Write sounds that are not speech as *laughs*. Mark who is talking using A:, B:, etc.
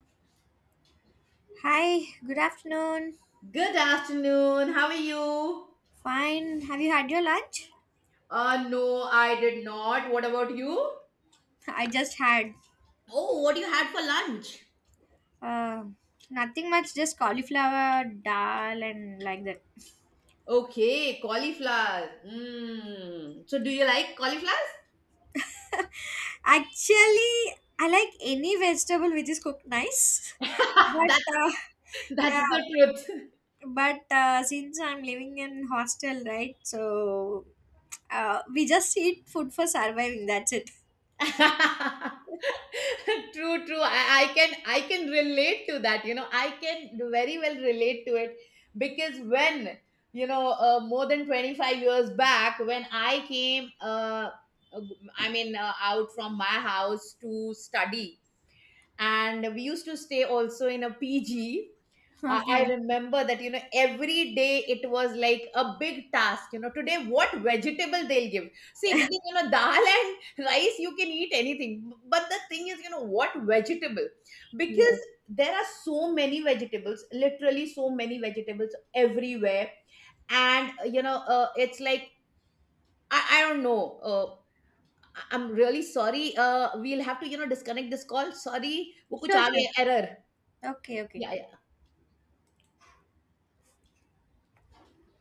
A: Hi, good afternoon.
B: Good afternoon. How are you?
A: Fine. Have you had your lunch?
B: No, I did not. What about you?
A: *laughs* I just had
B: Oh, what you had for lunch?
A: uh, nothing much, just cauliflower, dal, and like that.
B: Okay, cauliflower. Mm. So, do you like cauliflowers?
A: Actually, I like any vegetable which is cooked nice. *laughs*
B: *laughs*
A: But
B: That
A: uh, yeah,
B: that's the
A: but since I'm living in hostel, right? So we just eat food for surviving. That's it. *laughs*
B: truth. *laughs* *laughs* True, true. I can relate to that, I can very well relate to it because when more than 25 years back when I came, uh, I mean, out from my house to study. And we used to stay also in a PG. I
A: Okay.
B: remember that, every day it was like a big task. Today what vegetable they'll give. See, because, dal and *laughs* rice, you can eat anything. But the thing is, what vegetable? Because
A: Yes.
B: there are so many vegetables, literally so many vegetables everywhere. And, it's like, I don't know. I'm really sorry. We'll have to, disconnect this call. Sorry, वो कुछ
A: Sure,
B: आ
A: sure.
B: गया error.
A: Okay, okay.
B: Yeah, I,